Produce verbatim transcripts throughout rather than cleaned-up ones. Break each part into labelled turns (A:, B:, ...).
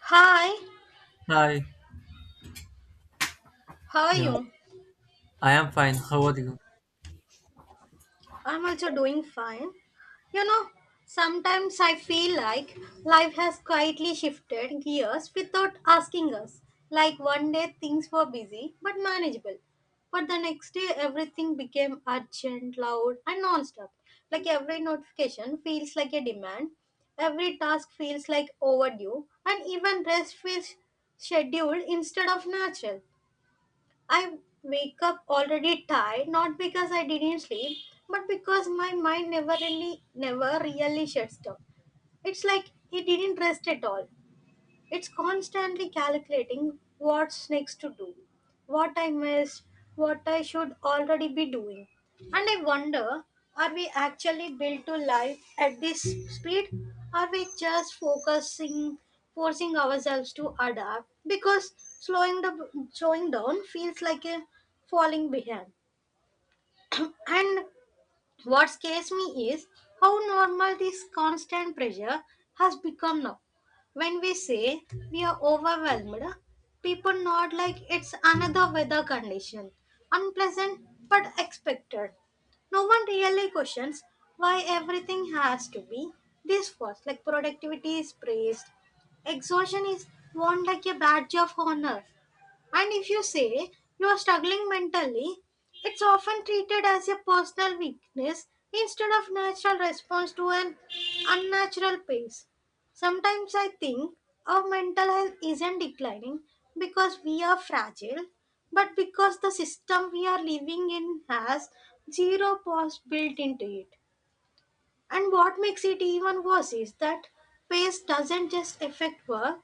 A: Hi,
B: Hi.
A: how are
B: Yeah,
A: you?
B: I am fine. How are you?
A: I'm also doing fine. You know, sometimes I feel like life has quietly shifted gears without asking us. Like one day things were busy but manageable, but the next day everything became urgent, loud, and non-stop. Like every notification feels like a demand, every task feels like overdue, and even rest feels scheduled instead of natural. I wake up already tired, not because I didn't sleep, but because my mind never really, never really shuts down. It's like it didn't rest at all. It's constantly calculating what's next to do, what I missed, what I should already be doing. And I wonder, are we actually built to live at this speed? Are we just focusing, forcing ourselves to adapt? Because slowing, the, slowing down feels like a falling behind. And what scares me is how normal this constant pressure has become now. When we say we are overwhelmed, people nod like it's another weather condition, unpleasant but expected. No one really questions why everything has to be this fast. Like productivity is praised, exhaustion is worn like a badge of honor, and if you say you are struggling mentally, it's often treated as a personal weakness instead of natural response to an unnatural pace. Sometimes I think our mental health isn't declining because we are fragile, but because the system we are living in has zero pause built into it. And what makes it even worse is that pace doesn't just affect work,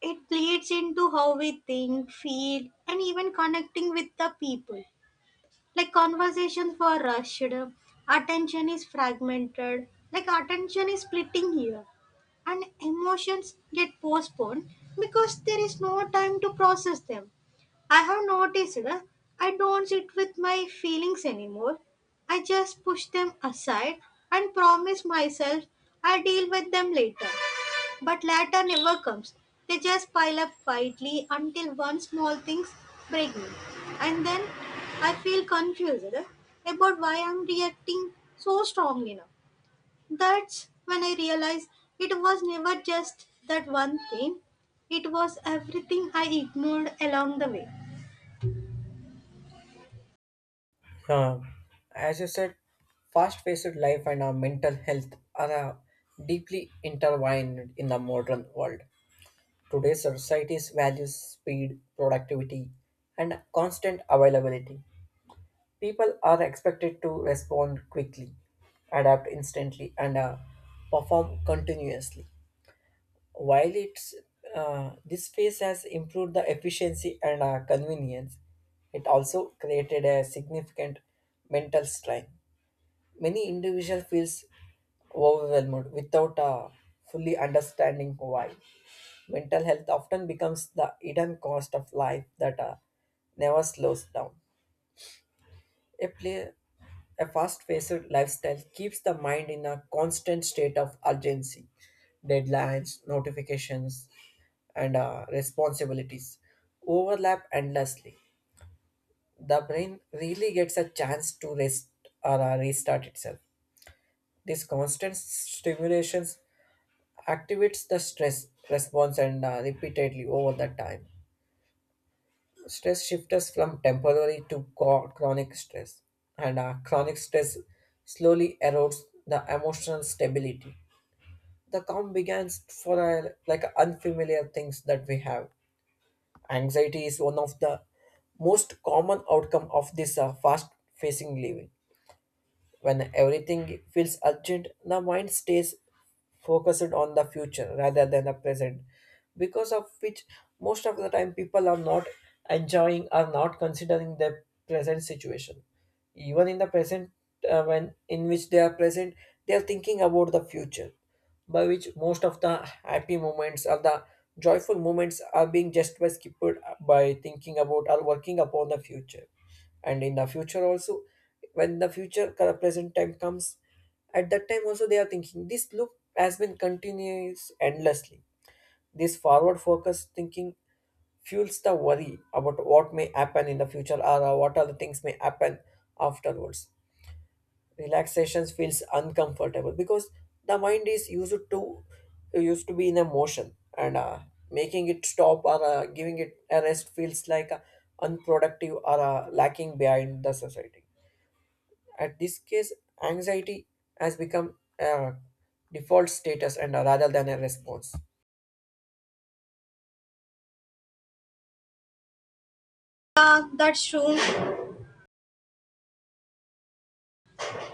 A: it bleeds into how we think, feel, and even connecting with the people. Like conversations were rushed, attention is fragmented, like attention is splitting here, and emotions get postponed because there is no time to process them. I have noticed uh, I don't sit with my feelings anymore. I just push them aside and promise myself I deal with them later. But latter never comes. They just pile up quietly until one small things break me. And then I feel confused about why I'm reacting so strongly now. That's when I realize it was never just that one thing. It was everything I ignored along the way.
B: Uh, as you said, fast-paced life and our mental health are uh, deeply intertwined in the modern world. Today's society's values speed, productivity, and constant availability. People are expected to respond quickly, adapt instantly, and uh, perform continuously. While it's uh, this space has improved the efficiency and uh, convenience, it also created a significant mental strain. Many individuals feels overwhelmed without uh, fully understanding why. Mental health often becomes the hidden cost of life that uh, never slows down. A play, a fast-paced lifestyle keeps the mind in a constant state of urgency, deadlines, notifications, and uh, responsibilities overlap endlessly. The brain really gets a chance to rest or uh, restart itself. This constant stimulations activates the stress response and uh, repeatedly over the time. Stress shifts us from temporary to co- chronic stress, and uh, chronic stress slowly erodes the emotional stability. The calm begins for uh, like unfamiliar things that we have. Anxiety is one of the most common outcome of this uh, fast-facing living. When everything feels urgent, the mind stays focused on the future rather than the present, because of which most of the time people are not enjoying or not considering their present situation. Even in the present, uh, when in which they are present, they are thinking about the future, by which most of the happy moments or the joyful moments are being just by skipped by thinking about or working upon the future. And in the future also, when the future cur- present time comes, at that time also they are thinking. This loop has been continuous endlessly. This forward focus thinking fuels the worry about what may happen in the future, or uh, what other things may happen afterwards. Relaxation feels uncomfortable because the mind is used to used to be in a motion, and uh, making it stop or uh, giving it a rest feels like uh, unproductive or uh, lacking behind the society. At this case, anxiety has become a default status, and uh, rather than a response.
A: Yeah, that's true.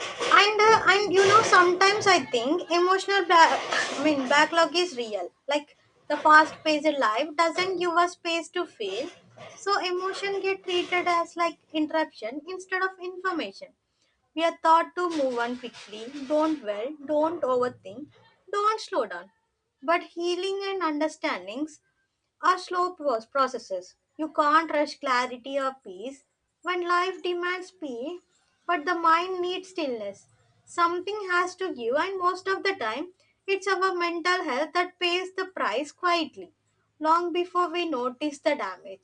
A: and uh, And you know sometimes I think emotional bla- i mean backlog is real. Like, the fast paced life doesn't give us space to feel, so emotion get treated as like interruption instead of information. We are taught to move on quickly, don't dwell, don't overthink, don't slow down. But healing and understandings are slow pro- processes. You can't rush clarity or peace when life demands speed, but the mind needs stillness. Something has to give, and most of the time, it's our mental health that pays the price quietly, long before we notice the damage.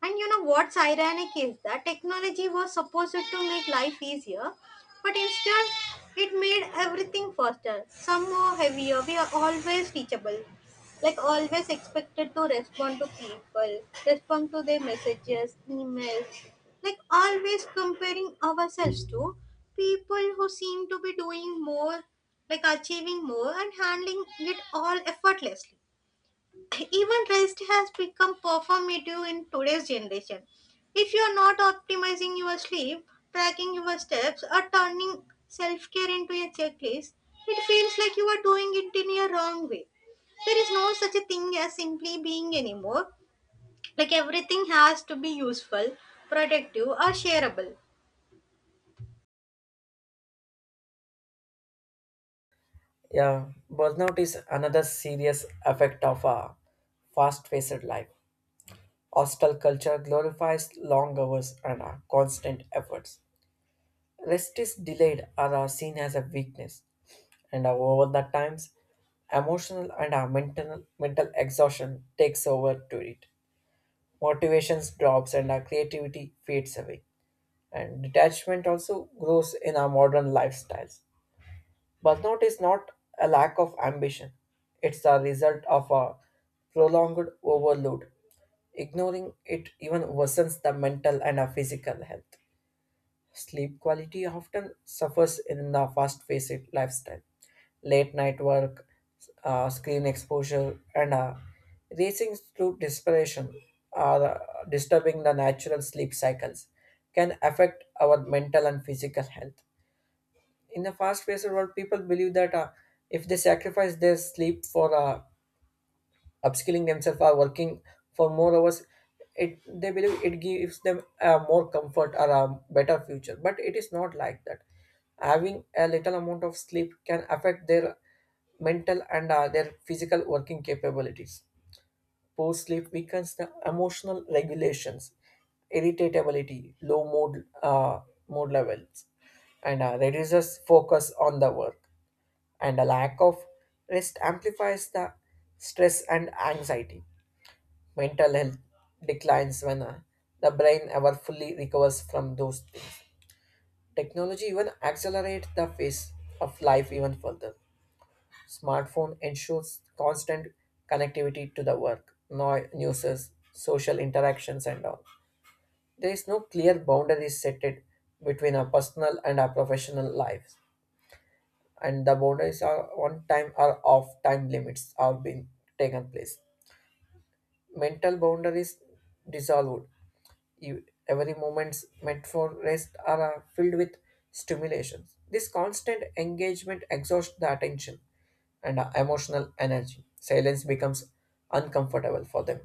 A: And you know what's ironic is that technology was supposed to make life easier, but instead it made everything faster, somehow heavier. We are always reachable, like always expected to respond to people, respond to their messages, emails, like always comparing ourselves to people who seem to be doing more, like achieving more and handling it all effortlessly. Even rest has become performative in today's generation. If you are not optimizing your sleep, tracking your steps, or turning self care into a checklist, it feels like you are doing it in a wrong way. There is no such a thing as simply being anymore. Like everything has to be useful, productive, or shareable.
B: Yeah, burnout is another serious effect of a fast-paced life. Hostile culture glorifies long hours and uh, constant efforts. Rest is delayed or are seen as a weakness, and over the times, emotional and our mental mental exhaustion takes over to it. Motivations drops and our creativity fades away, and detachment also grows in our modern lifestyles. Burnout is not a lack of ambition; it's the result of a prolonged overload. Ignoring it even worsens the mental and our physical health. Sleep quality often suffers in the fast paced lifestyle. Late night work, uh, screen exposure, and uh, racing through desperation are uh, disturbing the natural sleep cycles, can affect our mental and physical health. In the fast paced world, people believe that uh, if they sacrifice their sleep for uh, upskilling themselves or working for more hours, it they believe it gives them a more comfort or a better future, but it is not like that. Having a little amount of sleep can affect their mental and uh, their physical working capabilities. Poor sleep weakens the emotional regulations, irritability, low mood, uh, mood levels, and uh, reduces focus on the work, and a lack of rest amplifies the stress and anxiety. Mental health declines when uh, the brain ever fully recovers from those things. Technology even accelerates the pace of life even further. Smartphone ensures constant connectivity to the work, no- newses, social interactions, and all. There is no clear boundary set it between our personal and our professional lives, and the boundaries are on time or off time limits are being taken place. Mental boundaries dissolved. You- Every moments meant for rest are uh, filled with stimulations. This constant engagement exhausts the attention and uh, emotional energy. Silence becomes uncomfortable for them.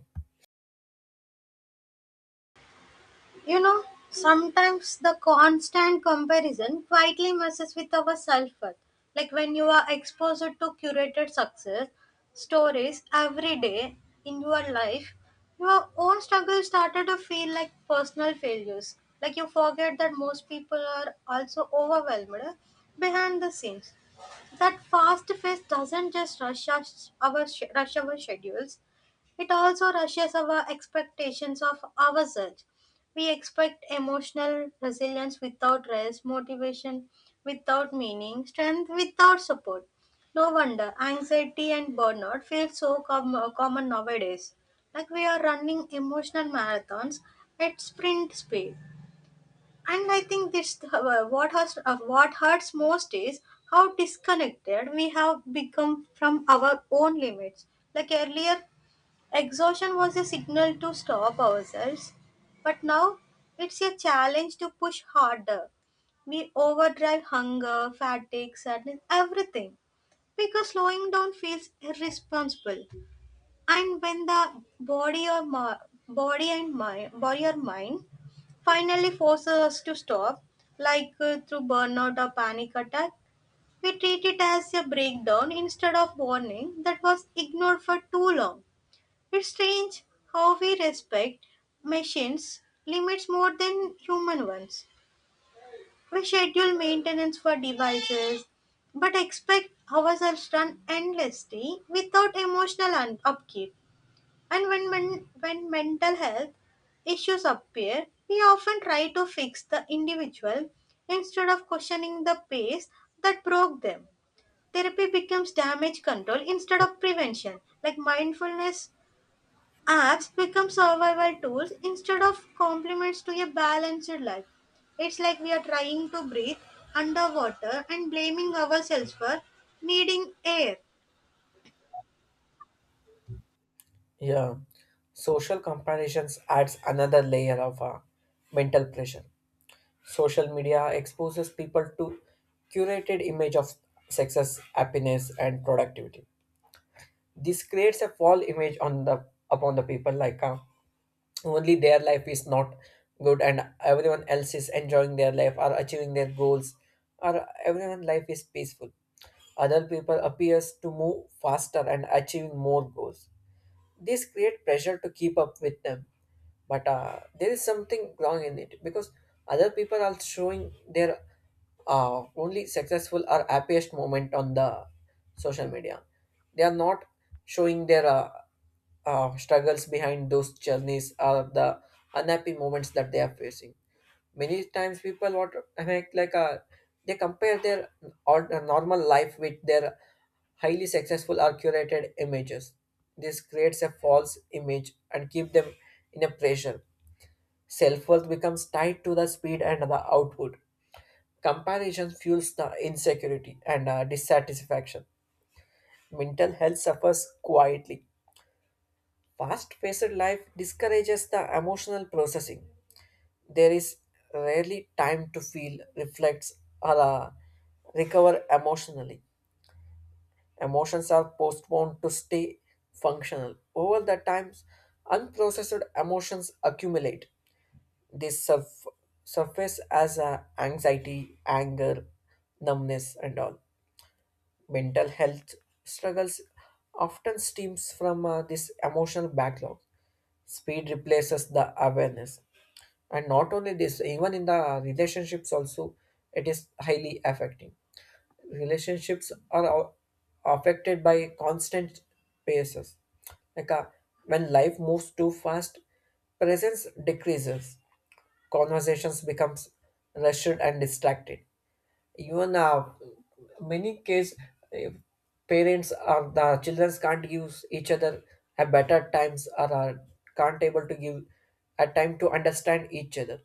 A: You know, sometimes the constant comparison quietly messes with our self worth. Like when you are exposed to curated success stories every day in your life, your own struggles started to feel like personal failures. Like you forget that most people are also overwhelmed behind the scenes. That fast pace doesn't just rush us, our sch- rush our schedules; it also rushes our expectations of ourselves. We expect emotional resilience without rest, motivation without meaning, strength without support. No wonder anxiety and burnout feel so com- common nowadays. Like we are running emotional marathons at sprint speed. And I think this uh, what has uh, what hurts most is how disconnected we have become from our own limits. Like earlier, exhaustion was a signal to stop ourselves, but now it's a challenge to push harder. We overdrive hunger, fatigue, sadness, everything because slowing down feels irresponsible. And when the body or mi- body and mind, body or mind finally forces us to stop, like uh, through burnout or panic attack, we treat it as a breakdown instead of warning that was ignored for too long. It's strange how we respect machines' limits more than human ones. We schedule maintenance for devices, but expect ourselves to run endlessly without emotional un- upkeep. And when, men- when mental health issues appear, we often try to fix the individual instead of questioning the pace that broke them. Therapy becomes damage control instead of prevention. Like mindfulness apps become survival tools instead of complements to a balanced life. It's like we are trying to breathe underwater and blaming ourselves for needing air.
B: Yeah, social comparisons adds another layer of uh, mental pressure. Social media exposes people to curated image of success, happiness, and productivity. This creates a false image on the upon the people, like uh, only their life is not good and everyone else is enjoying their life or achieving their goals, or everyone life is peaceful. Other people appears to move faster and achieving more goals. This create pressure to keep up with them, but uh, there is something wrong in it, because other people are showing their uh, only successful or happiest moment on the social media. They are not showing their uh, uh, struggles behind those journeys or the unhappy moments that they are facing. Many times people, what I mean, like uh, they compare their or uh, normal life with their highly successful or curated images. This creates a false image and keep them in a pressure. Self-worth becomes tied to the speed and the output. Comparison fuels the insecurity and uh, dissatisfaction. Mental health suffers quietly. Fast-paced life discourages the emotional processing. There is rarely time to feel, reflect, or uh, recover emotionally. Emotions are postponed to stay functional. Over the times, unprocessed emotions accumulate. They surf- surface as uh, anxiety, anger, numbness, and all. Mental health struggles often stems from uh, this emotional backlog. Speed replaces the awareness. And not only this, even in the relationships also it is highly affecting. Relationships are au- affected by constant paces, like uh, when life moves too fast, presence decreases, conversations becomes rushed and distracted. Even uh, many case, uh, parents or the children can't give each other a better times, or uh, can't able to give a time to understand each other.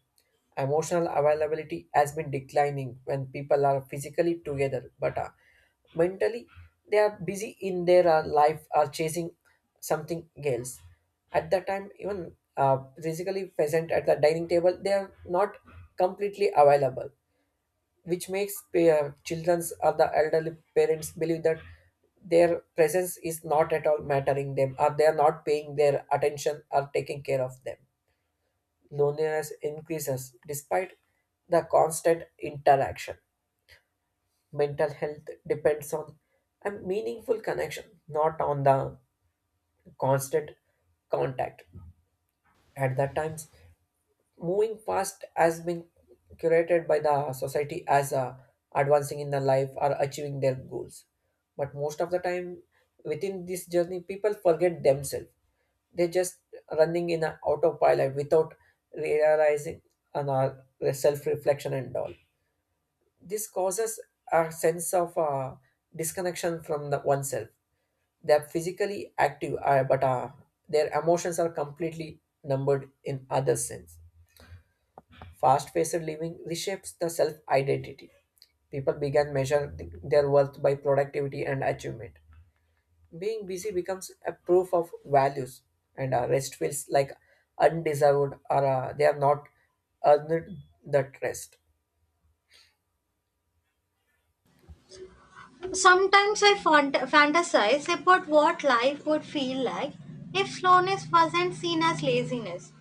B: Emotional availability has been declining when people are physically together, but uh, mentally they are busy in their uh, life or chasing something else. At that time, even uh, physically present at the dining table they are not completely available, which makes uh, children's or the elderly parents believe that their presence is not at all mattering them, or they are not paying their attention or taking care of them. Loneliness increases despite the constant interaction. Mental health depends on a meaningful connection, not on the constant contact. At that times, moving fast has been curated by the society as uh, advancing in the life or achieving their goals, but most of the time within this journey people forget themselves. They're just running in an autopilot without realizing, and uh, self-reflection and all. This causes a sense of uh, disconnection from the oneself. They're physically active uh, but uh, their emotions are completely numbered in other sense. Fast paced living reshapes the self identity. People began measuring th- their worth by productivity and achievement. Being busy becomes a proof of values, and uh, rest feels like undeserved, or uh, they are not earned that rest.
A: Sometimes I fant- fantasize about what life would feel like if slowness wasn't seen as laziness.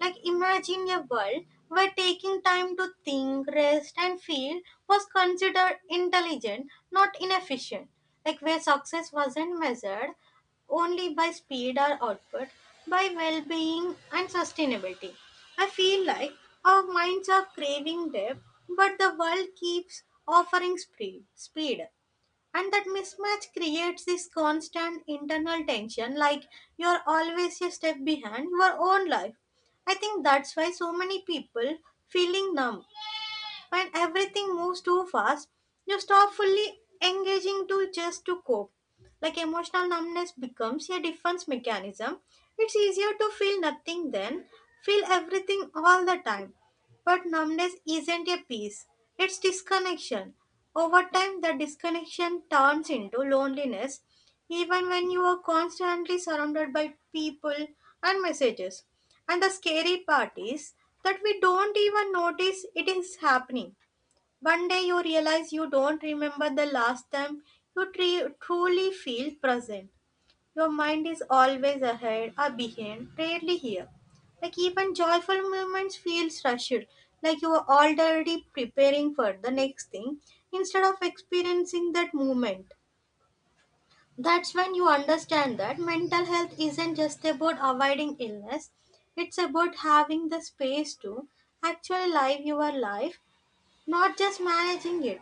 A: Like imagine a world where taking time to think, rest, and feel was considered intelligent, not inefficient. Like where success wasn't measured only by speed or output, by well being and sustainability. I feel like our minds are craving depth, but the world keeps offering speed. speed and that mismatch creates this constant internal tension. Like you're always a step behind your own life. I think that's why so many people feeling numb. When everything moves too fast you stop fully engaging to just to cope. Like emotional numbness becomes a defense mechanism. It's easier to feel nothing than feel everything all the time, but numbness isn't a peace, it's disconnection. Over time, the disconnection turns into loneliness even when you are constantly surrounded by people and messages. And the scary part is that we don't even notice it is happening. One day you realize you don't remember the last time you tre- truly feel present. Your mind is always ahead or behind, rarely here. Like even joyful moments feel rushed, like you are already preparing for the next thing instead of experiencing that moment. That's when you understand that mental health isn't just about avoiding illness, it's about having the space to actually live your life, not just managing it.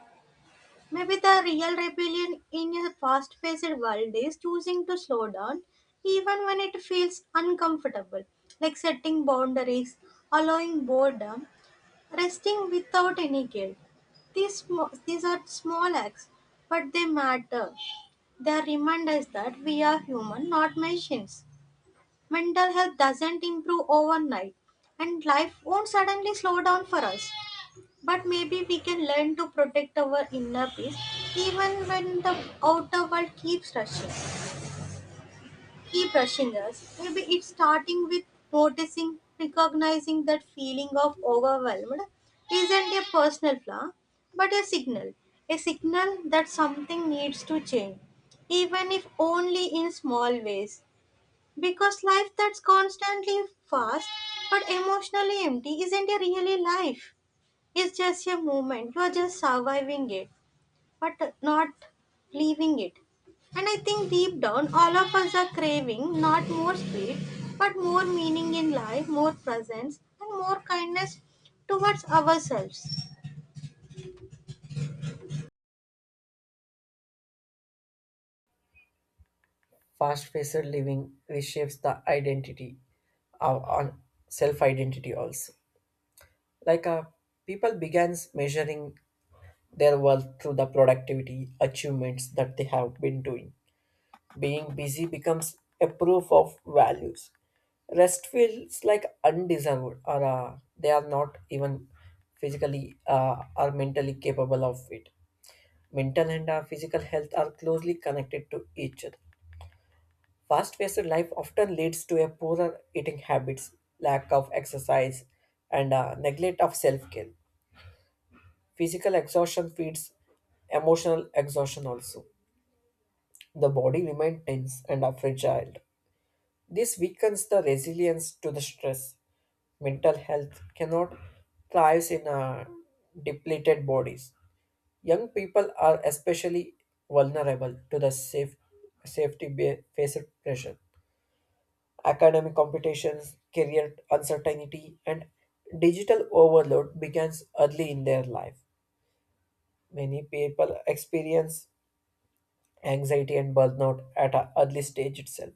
A: Maybe the real rebellion in a fast paced world is choosing to slow down even when it feels uncomfortable, like setting boundaries, allowing boredom, resting without any guilt. These, sm- these are small acts, but they matter. They remind us that we are human, not machines. Mental health doesn't improve overnight, and life won't suddenly slow down for us. But maybe we can learn to protect our inner peace even when the outer world keeps rushing. Key practitioners, maybe it's starting with noticing, recognizing that feeling of overwhelmed isn't a personal flaw, but a signal, a signal that something needs to change, even if only in small ways. Because life that's constantly fast but emotionally empty isn't a really life. It's just a moment. You're just surviving it but not leaving it. And I think deep down, all of us are craving not more speed, but more meaning in life, more presence, and more kindness towards ourselves.
B: Fast paced living reshapes the identity uh, on self identity also. Like uh, people begins measuring their worth through the productivity achievements that they have been doing. Being busy becomes a proof of values. Rest feels like undeserved, or uh, they are not even physically uh, or mentally capable of it. Mental and uh, physical health are closely connected to each other. Fast paced life often leads to a poorer eating habits, lack of exercise, and uh, neglect of self care. Physical exhaustion feeds emotional exhaustion also. The body remains tense and are fragile. This weakens the resilience to the stress. Mental health cannot thrive in uh, depleted bodies. Young people are especially vulnerable to the safe, safety ba- faced pressure. Academic competitions, career uncertainty, and digital overload begins early in their life. Many people experience anxiety and burnout at an early stage itself.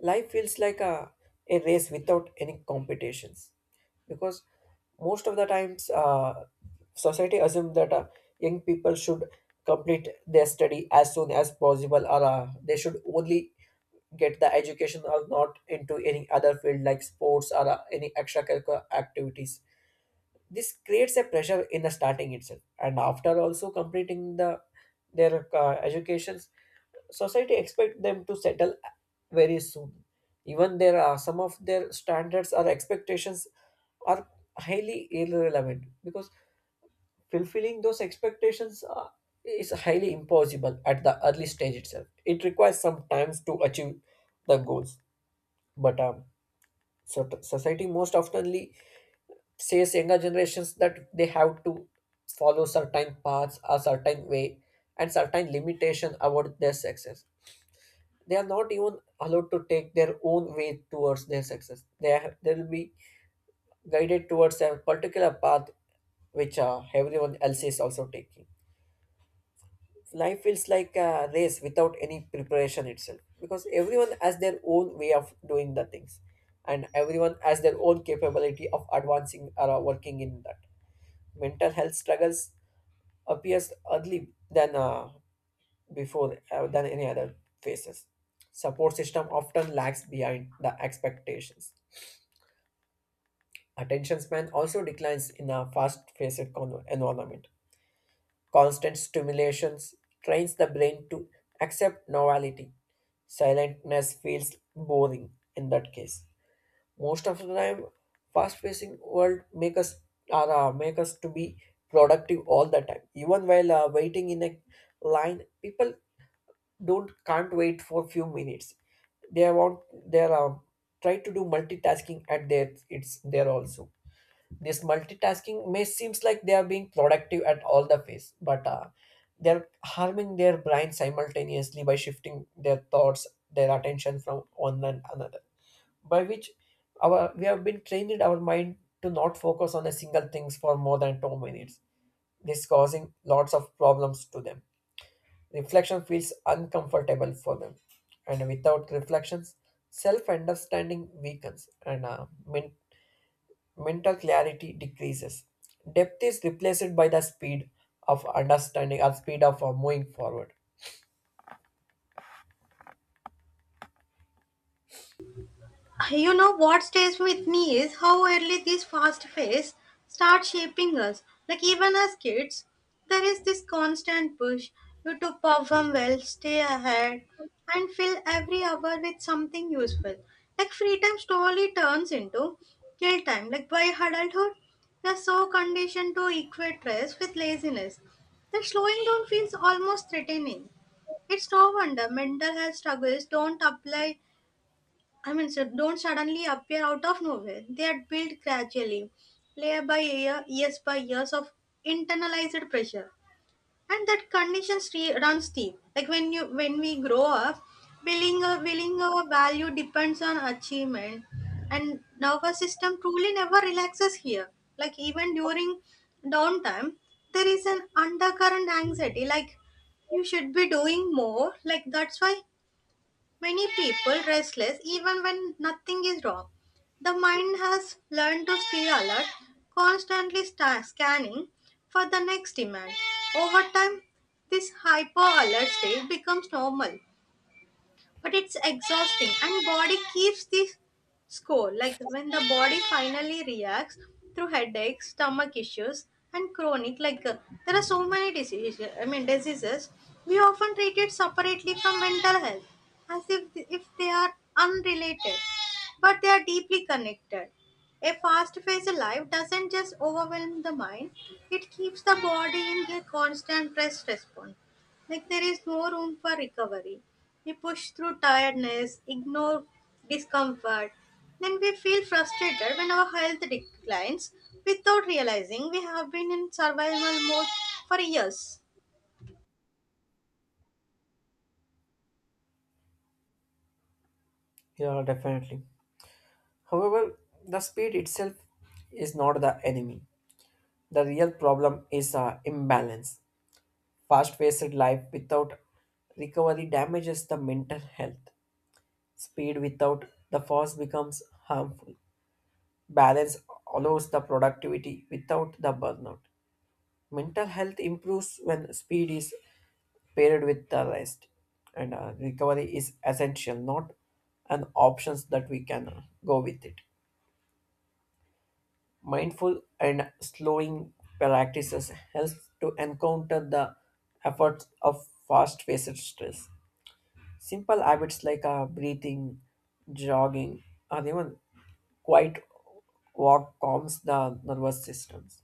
B: Life feels like a, a race without any competitions, because most of the times uh, society assumes that uh, young people should complete their study as soon as possible, or uh, they should only get the education or not into any other field like sports or uh, any extracurricular activities. This creates a pressure in the starting itself, and after also completing the their uh, education, society expect them to settle very soon. Even there are some of their standards or expectations are highly irrelevant, because fulfilling those expectations uh, is highly impossible at the early stage itself. It requires some time to achieve the goals. But um, so society most oftenly says younger generations that they have to follow certain paths, a certain way, and certain limitation about their success. They are not even allowed to take their own way towards their success. They are, they'll be guided towards a particular path which uh, everyone else is also taking. Life feels like a race without any preparation itself, because everyone has their own way of doing the things, and everyone has their own capability of advancing or uh, working in that. Mental health struggles appears early than uh, before uh, than any other phases. Support system often lags behind the expectations. Attention span also declines in a fast-paced con- environment. Constant stimulations trains the brain to accept novelty. Silentness feels boring in that case. Most of the time, fast-pacing world make us are uh, make us to be productive all the time. Even while uh, waiting in a line, people don't can't wait for few minutes they want they are um, try to do multitasking at their it's there also this multitasking may seems like they are being productive at all the phase but uh, they're harming their brain simultaneously by shifting their thoughts their attention from one and another by which our we have been trained our mind to not focus on a single things for more than two minutes. This causing lots of problems to them. Reflection feels uncomfortable for them, and without reflections, self understanding weakens and uh, men- mental clarity decreases. Depth is replaced by the speed of understanding or speed of uh, moving forward.
A: You know what stays with me is how early this fast phase starts shaping us. Like even as kids, there is this constant push you to perform well, stay ahead, and fill every hour with something useful. Like free time slowly turns into kill time. Like by adulthood, we are so conditioned to equate rest with laziness that slowing down feels almost threatening. It's no wonder mental health struggles don't apply I mean, so don't suddenly appear out of nowhere. They are built gradually, layer by layer, years by years of internalized pressure, and that condition stre- runs deep. Like when you when we grow up, willing uh, willing our value depends on achievement, and nervous system truly never relaxes here. Like even during downtime, there is an undercurrent anxiety. Like you should be doing more. Like that's why many people restless even when nothing is wrong. The mind has learned to stay alert, constantly sta- scanning for the next demand. Over time, this hyper alert state becomes normal, but it's exhausting and body keeps the score. Like when the body finally reacts through headaches, stomach issues, and chronic like uh, there are so many diseases i mean diseases we often treat it separately from mental health as if th- if they are unrelated, but they are deeply connected. A fast-paced life doesn't just overwhelm the mind, it keeps the body in a constant stress response, like there is more room for recovery. We push through tiredness, ignore discomfort, then we feel frustrated when our health declines without realizing we have been in survival mode for years.
B: Yeah, definitely. However, the speed itself is not the enemy. The real problem is uh, imbalance. Fast paced life without recovery damages the mental health. Speed without the force becomes harmful. Balance allows the productivity without the burnout. Mental health improves when speed is paired with the rest, and uh, recovery is essential, not an options that we can uh, go with it. Mindful and slowing practices helps to encounter the efforts of fast-paced stress. Simple habits like uh, breathing, jogging, or even quiet walk calms the nervous systems.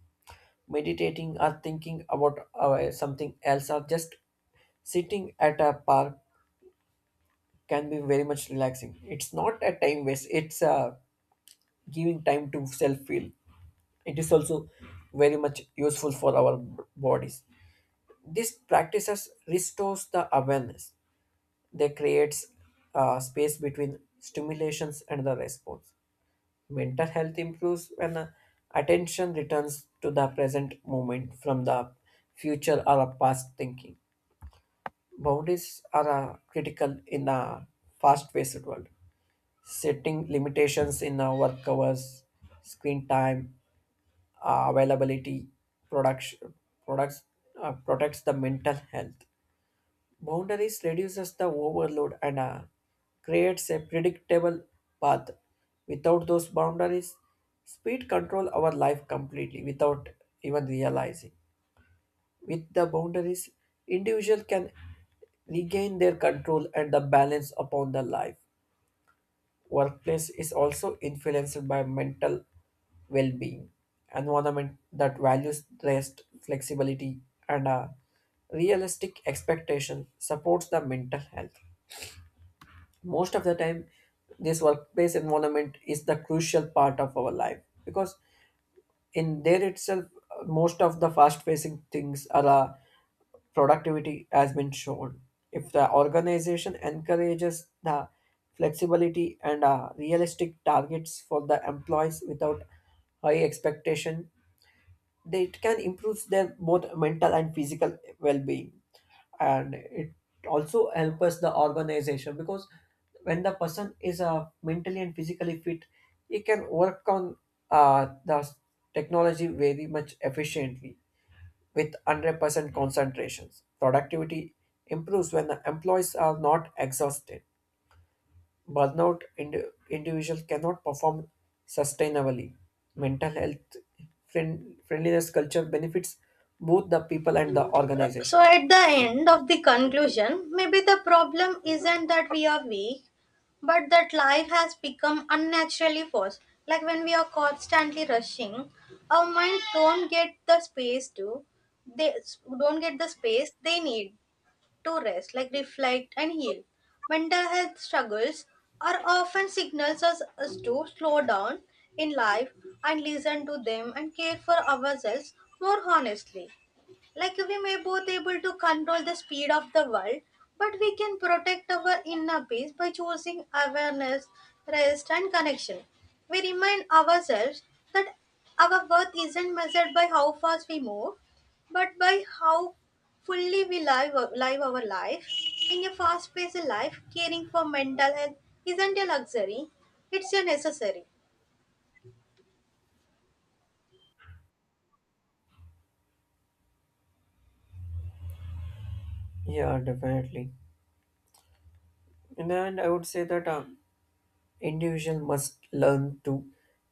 B: Meditating or thinking about uh, something else or just sitting at a park can be very much relaxing. It's not a time waste, it's uh, giving time to self feel. It is also very much useful for our b- bodies. These practices restores the awareness. They creates uh, space between stimulations and the response. Mental health improves when uh, attention returns to the present moment from the future or a past thinking. Boundaries are uh, critical in a fast paced world. Setting limitations in uh, work hours, screen time, uh, availability, production, products uh, protects the mental health. Boundaries reduces the overload and uh, creates a predictable path. Without those boundaries, speed control our life completely without even realizing. With the boundaries, individual can regain their control and the balance upon the life. Workplace is also influenced by mental well-being, environment that values rest, flexibility, and a realistic expectation supports the mental health. Most of the time, this workplace environment is the crucial part of our life because in there itself, uh, most of the fast-facing things are uh, productivity has been shown. If the organization encourages the flexibility and uh, realistic targets for the employees without high expectation, they it can improve their both mental and physical well-being, and it also helps the organization because when the person is uh, mentally and physically fit, he can work on uh, the technology very much efficiently with one hundred percent concentrations. Productivity improves when the employees are not exhausted. Burnout indi- individual cannot perform sustainably. Mental health friend- friendliness culture benefits both the people and the organization.
A: So, at the end of the conclusion, maybe the problem isn't that we are weak, but that life has become unnaturally forced. Like when we are constantly rushing, our minds don't get the space to they don't get the space they need to rest, like reflect and heal. Mental health struggles are often signals us, us to slow down in life and listen to them and care for ourselves more honestly. Like we may both able to control the speed of the world, but we can protect our inner peace by choosing awareness, rest, and connection. We remind ourselves that our worth isn't measured by how fast we move, but by how fully we live, live our life. In a fast-paced life, caring for mental health isn't a luxury, it's a necessary.
B: Yeah, definitely. And then I would say that um, individual must learn to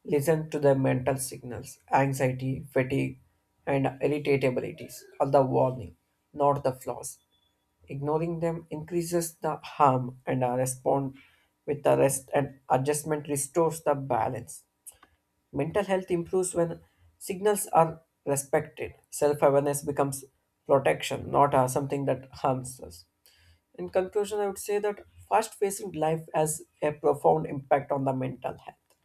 B: listen to their mental signals, anxiety, fatigue, and irritabilities are the warning, not the flaws. Ignoring them increases the harm, and uh, respond with the rest and adjustment restores the balance. Mental health improves when signals are respected. Self awareness becomes protection, not uh, something that harms us. In conclusion, I would say that fast paced life has a profound impact on the mental health.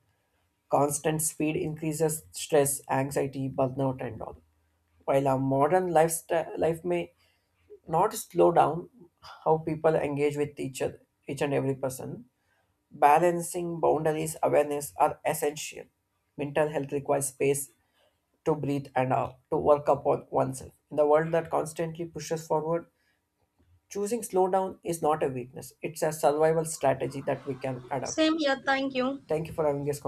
B: Constant speed increases stress, anxiety, burnout, and all. While our modern lifestyle life may not slow down how people engage with each other, each and every person, balancing boundaries awareness are essential. Mental health requires space to breathe and uh, to work upon oneself in the world that constantly pushes forward. Choosing slowdown is not a weakness, it's a survival strategy that we can adapt.
A: Same here, thank you.
B: Thank you for having this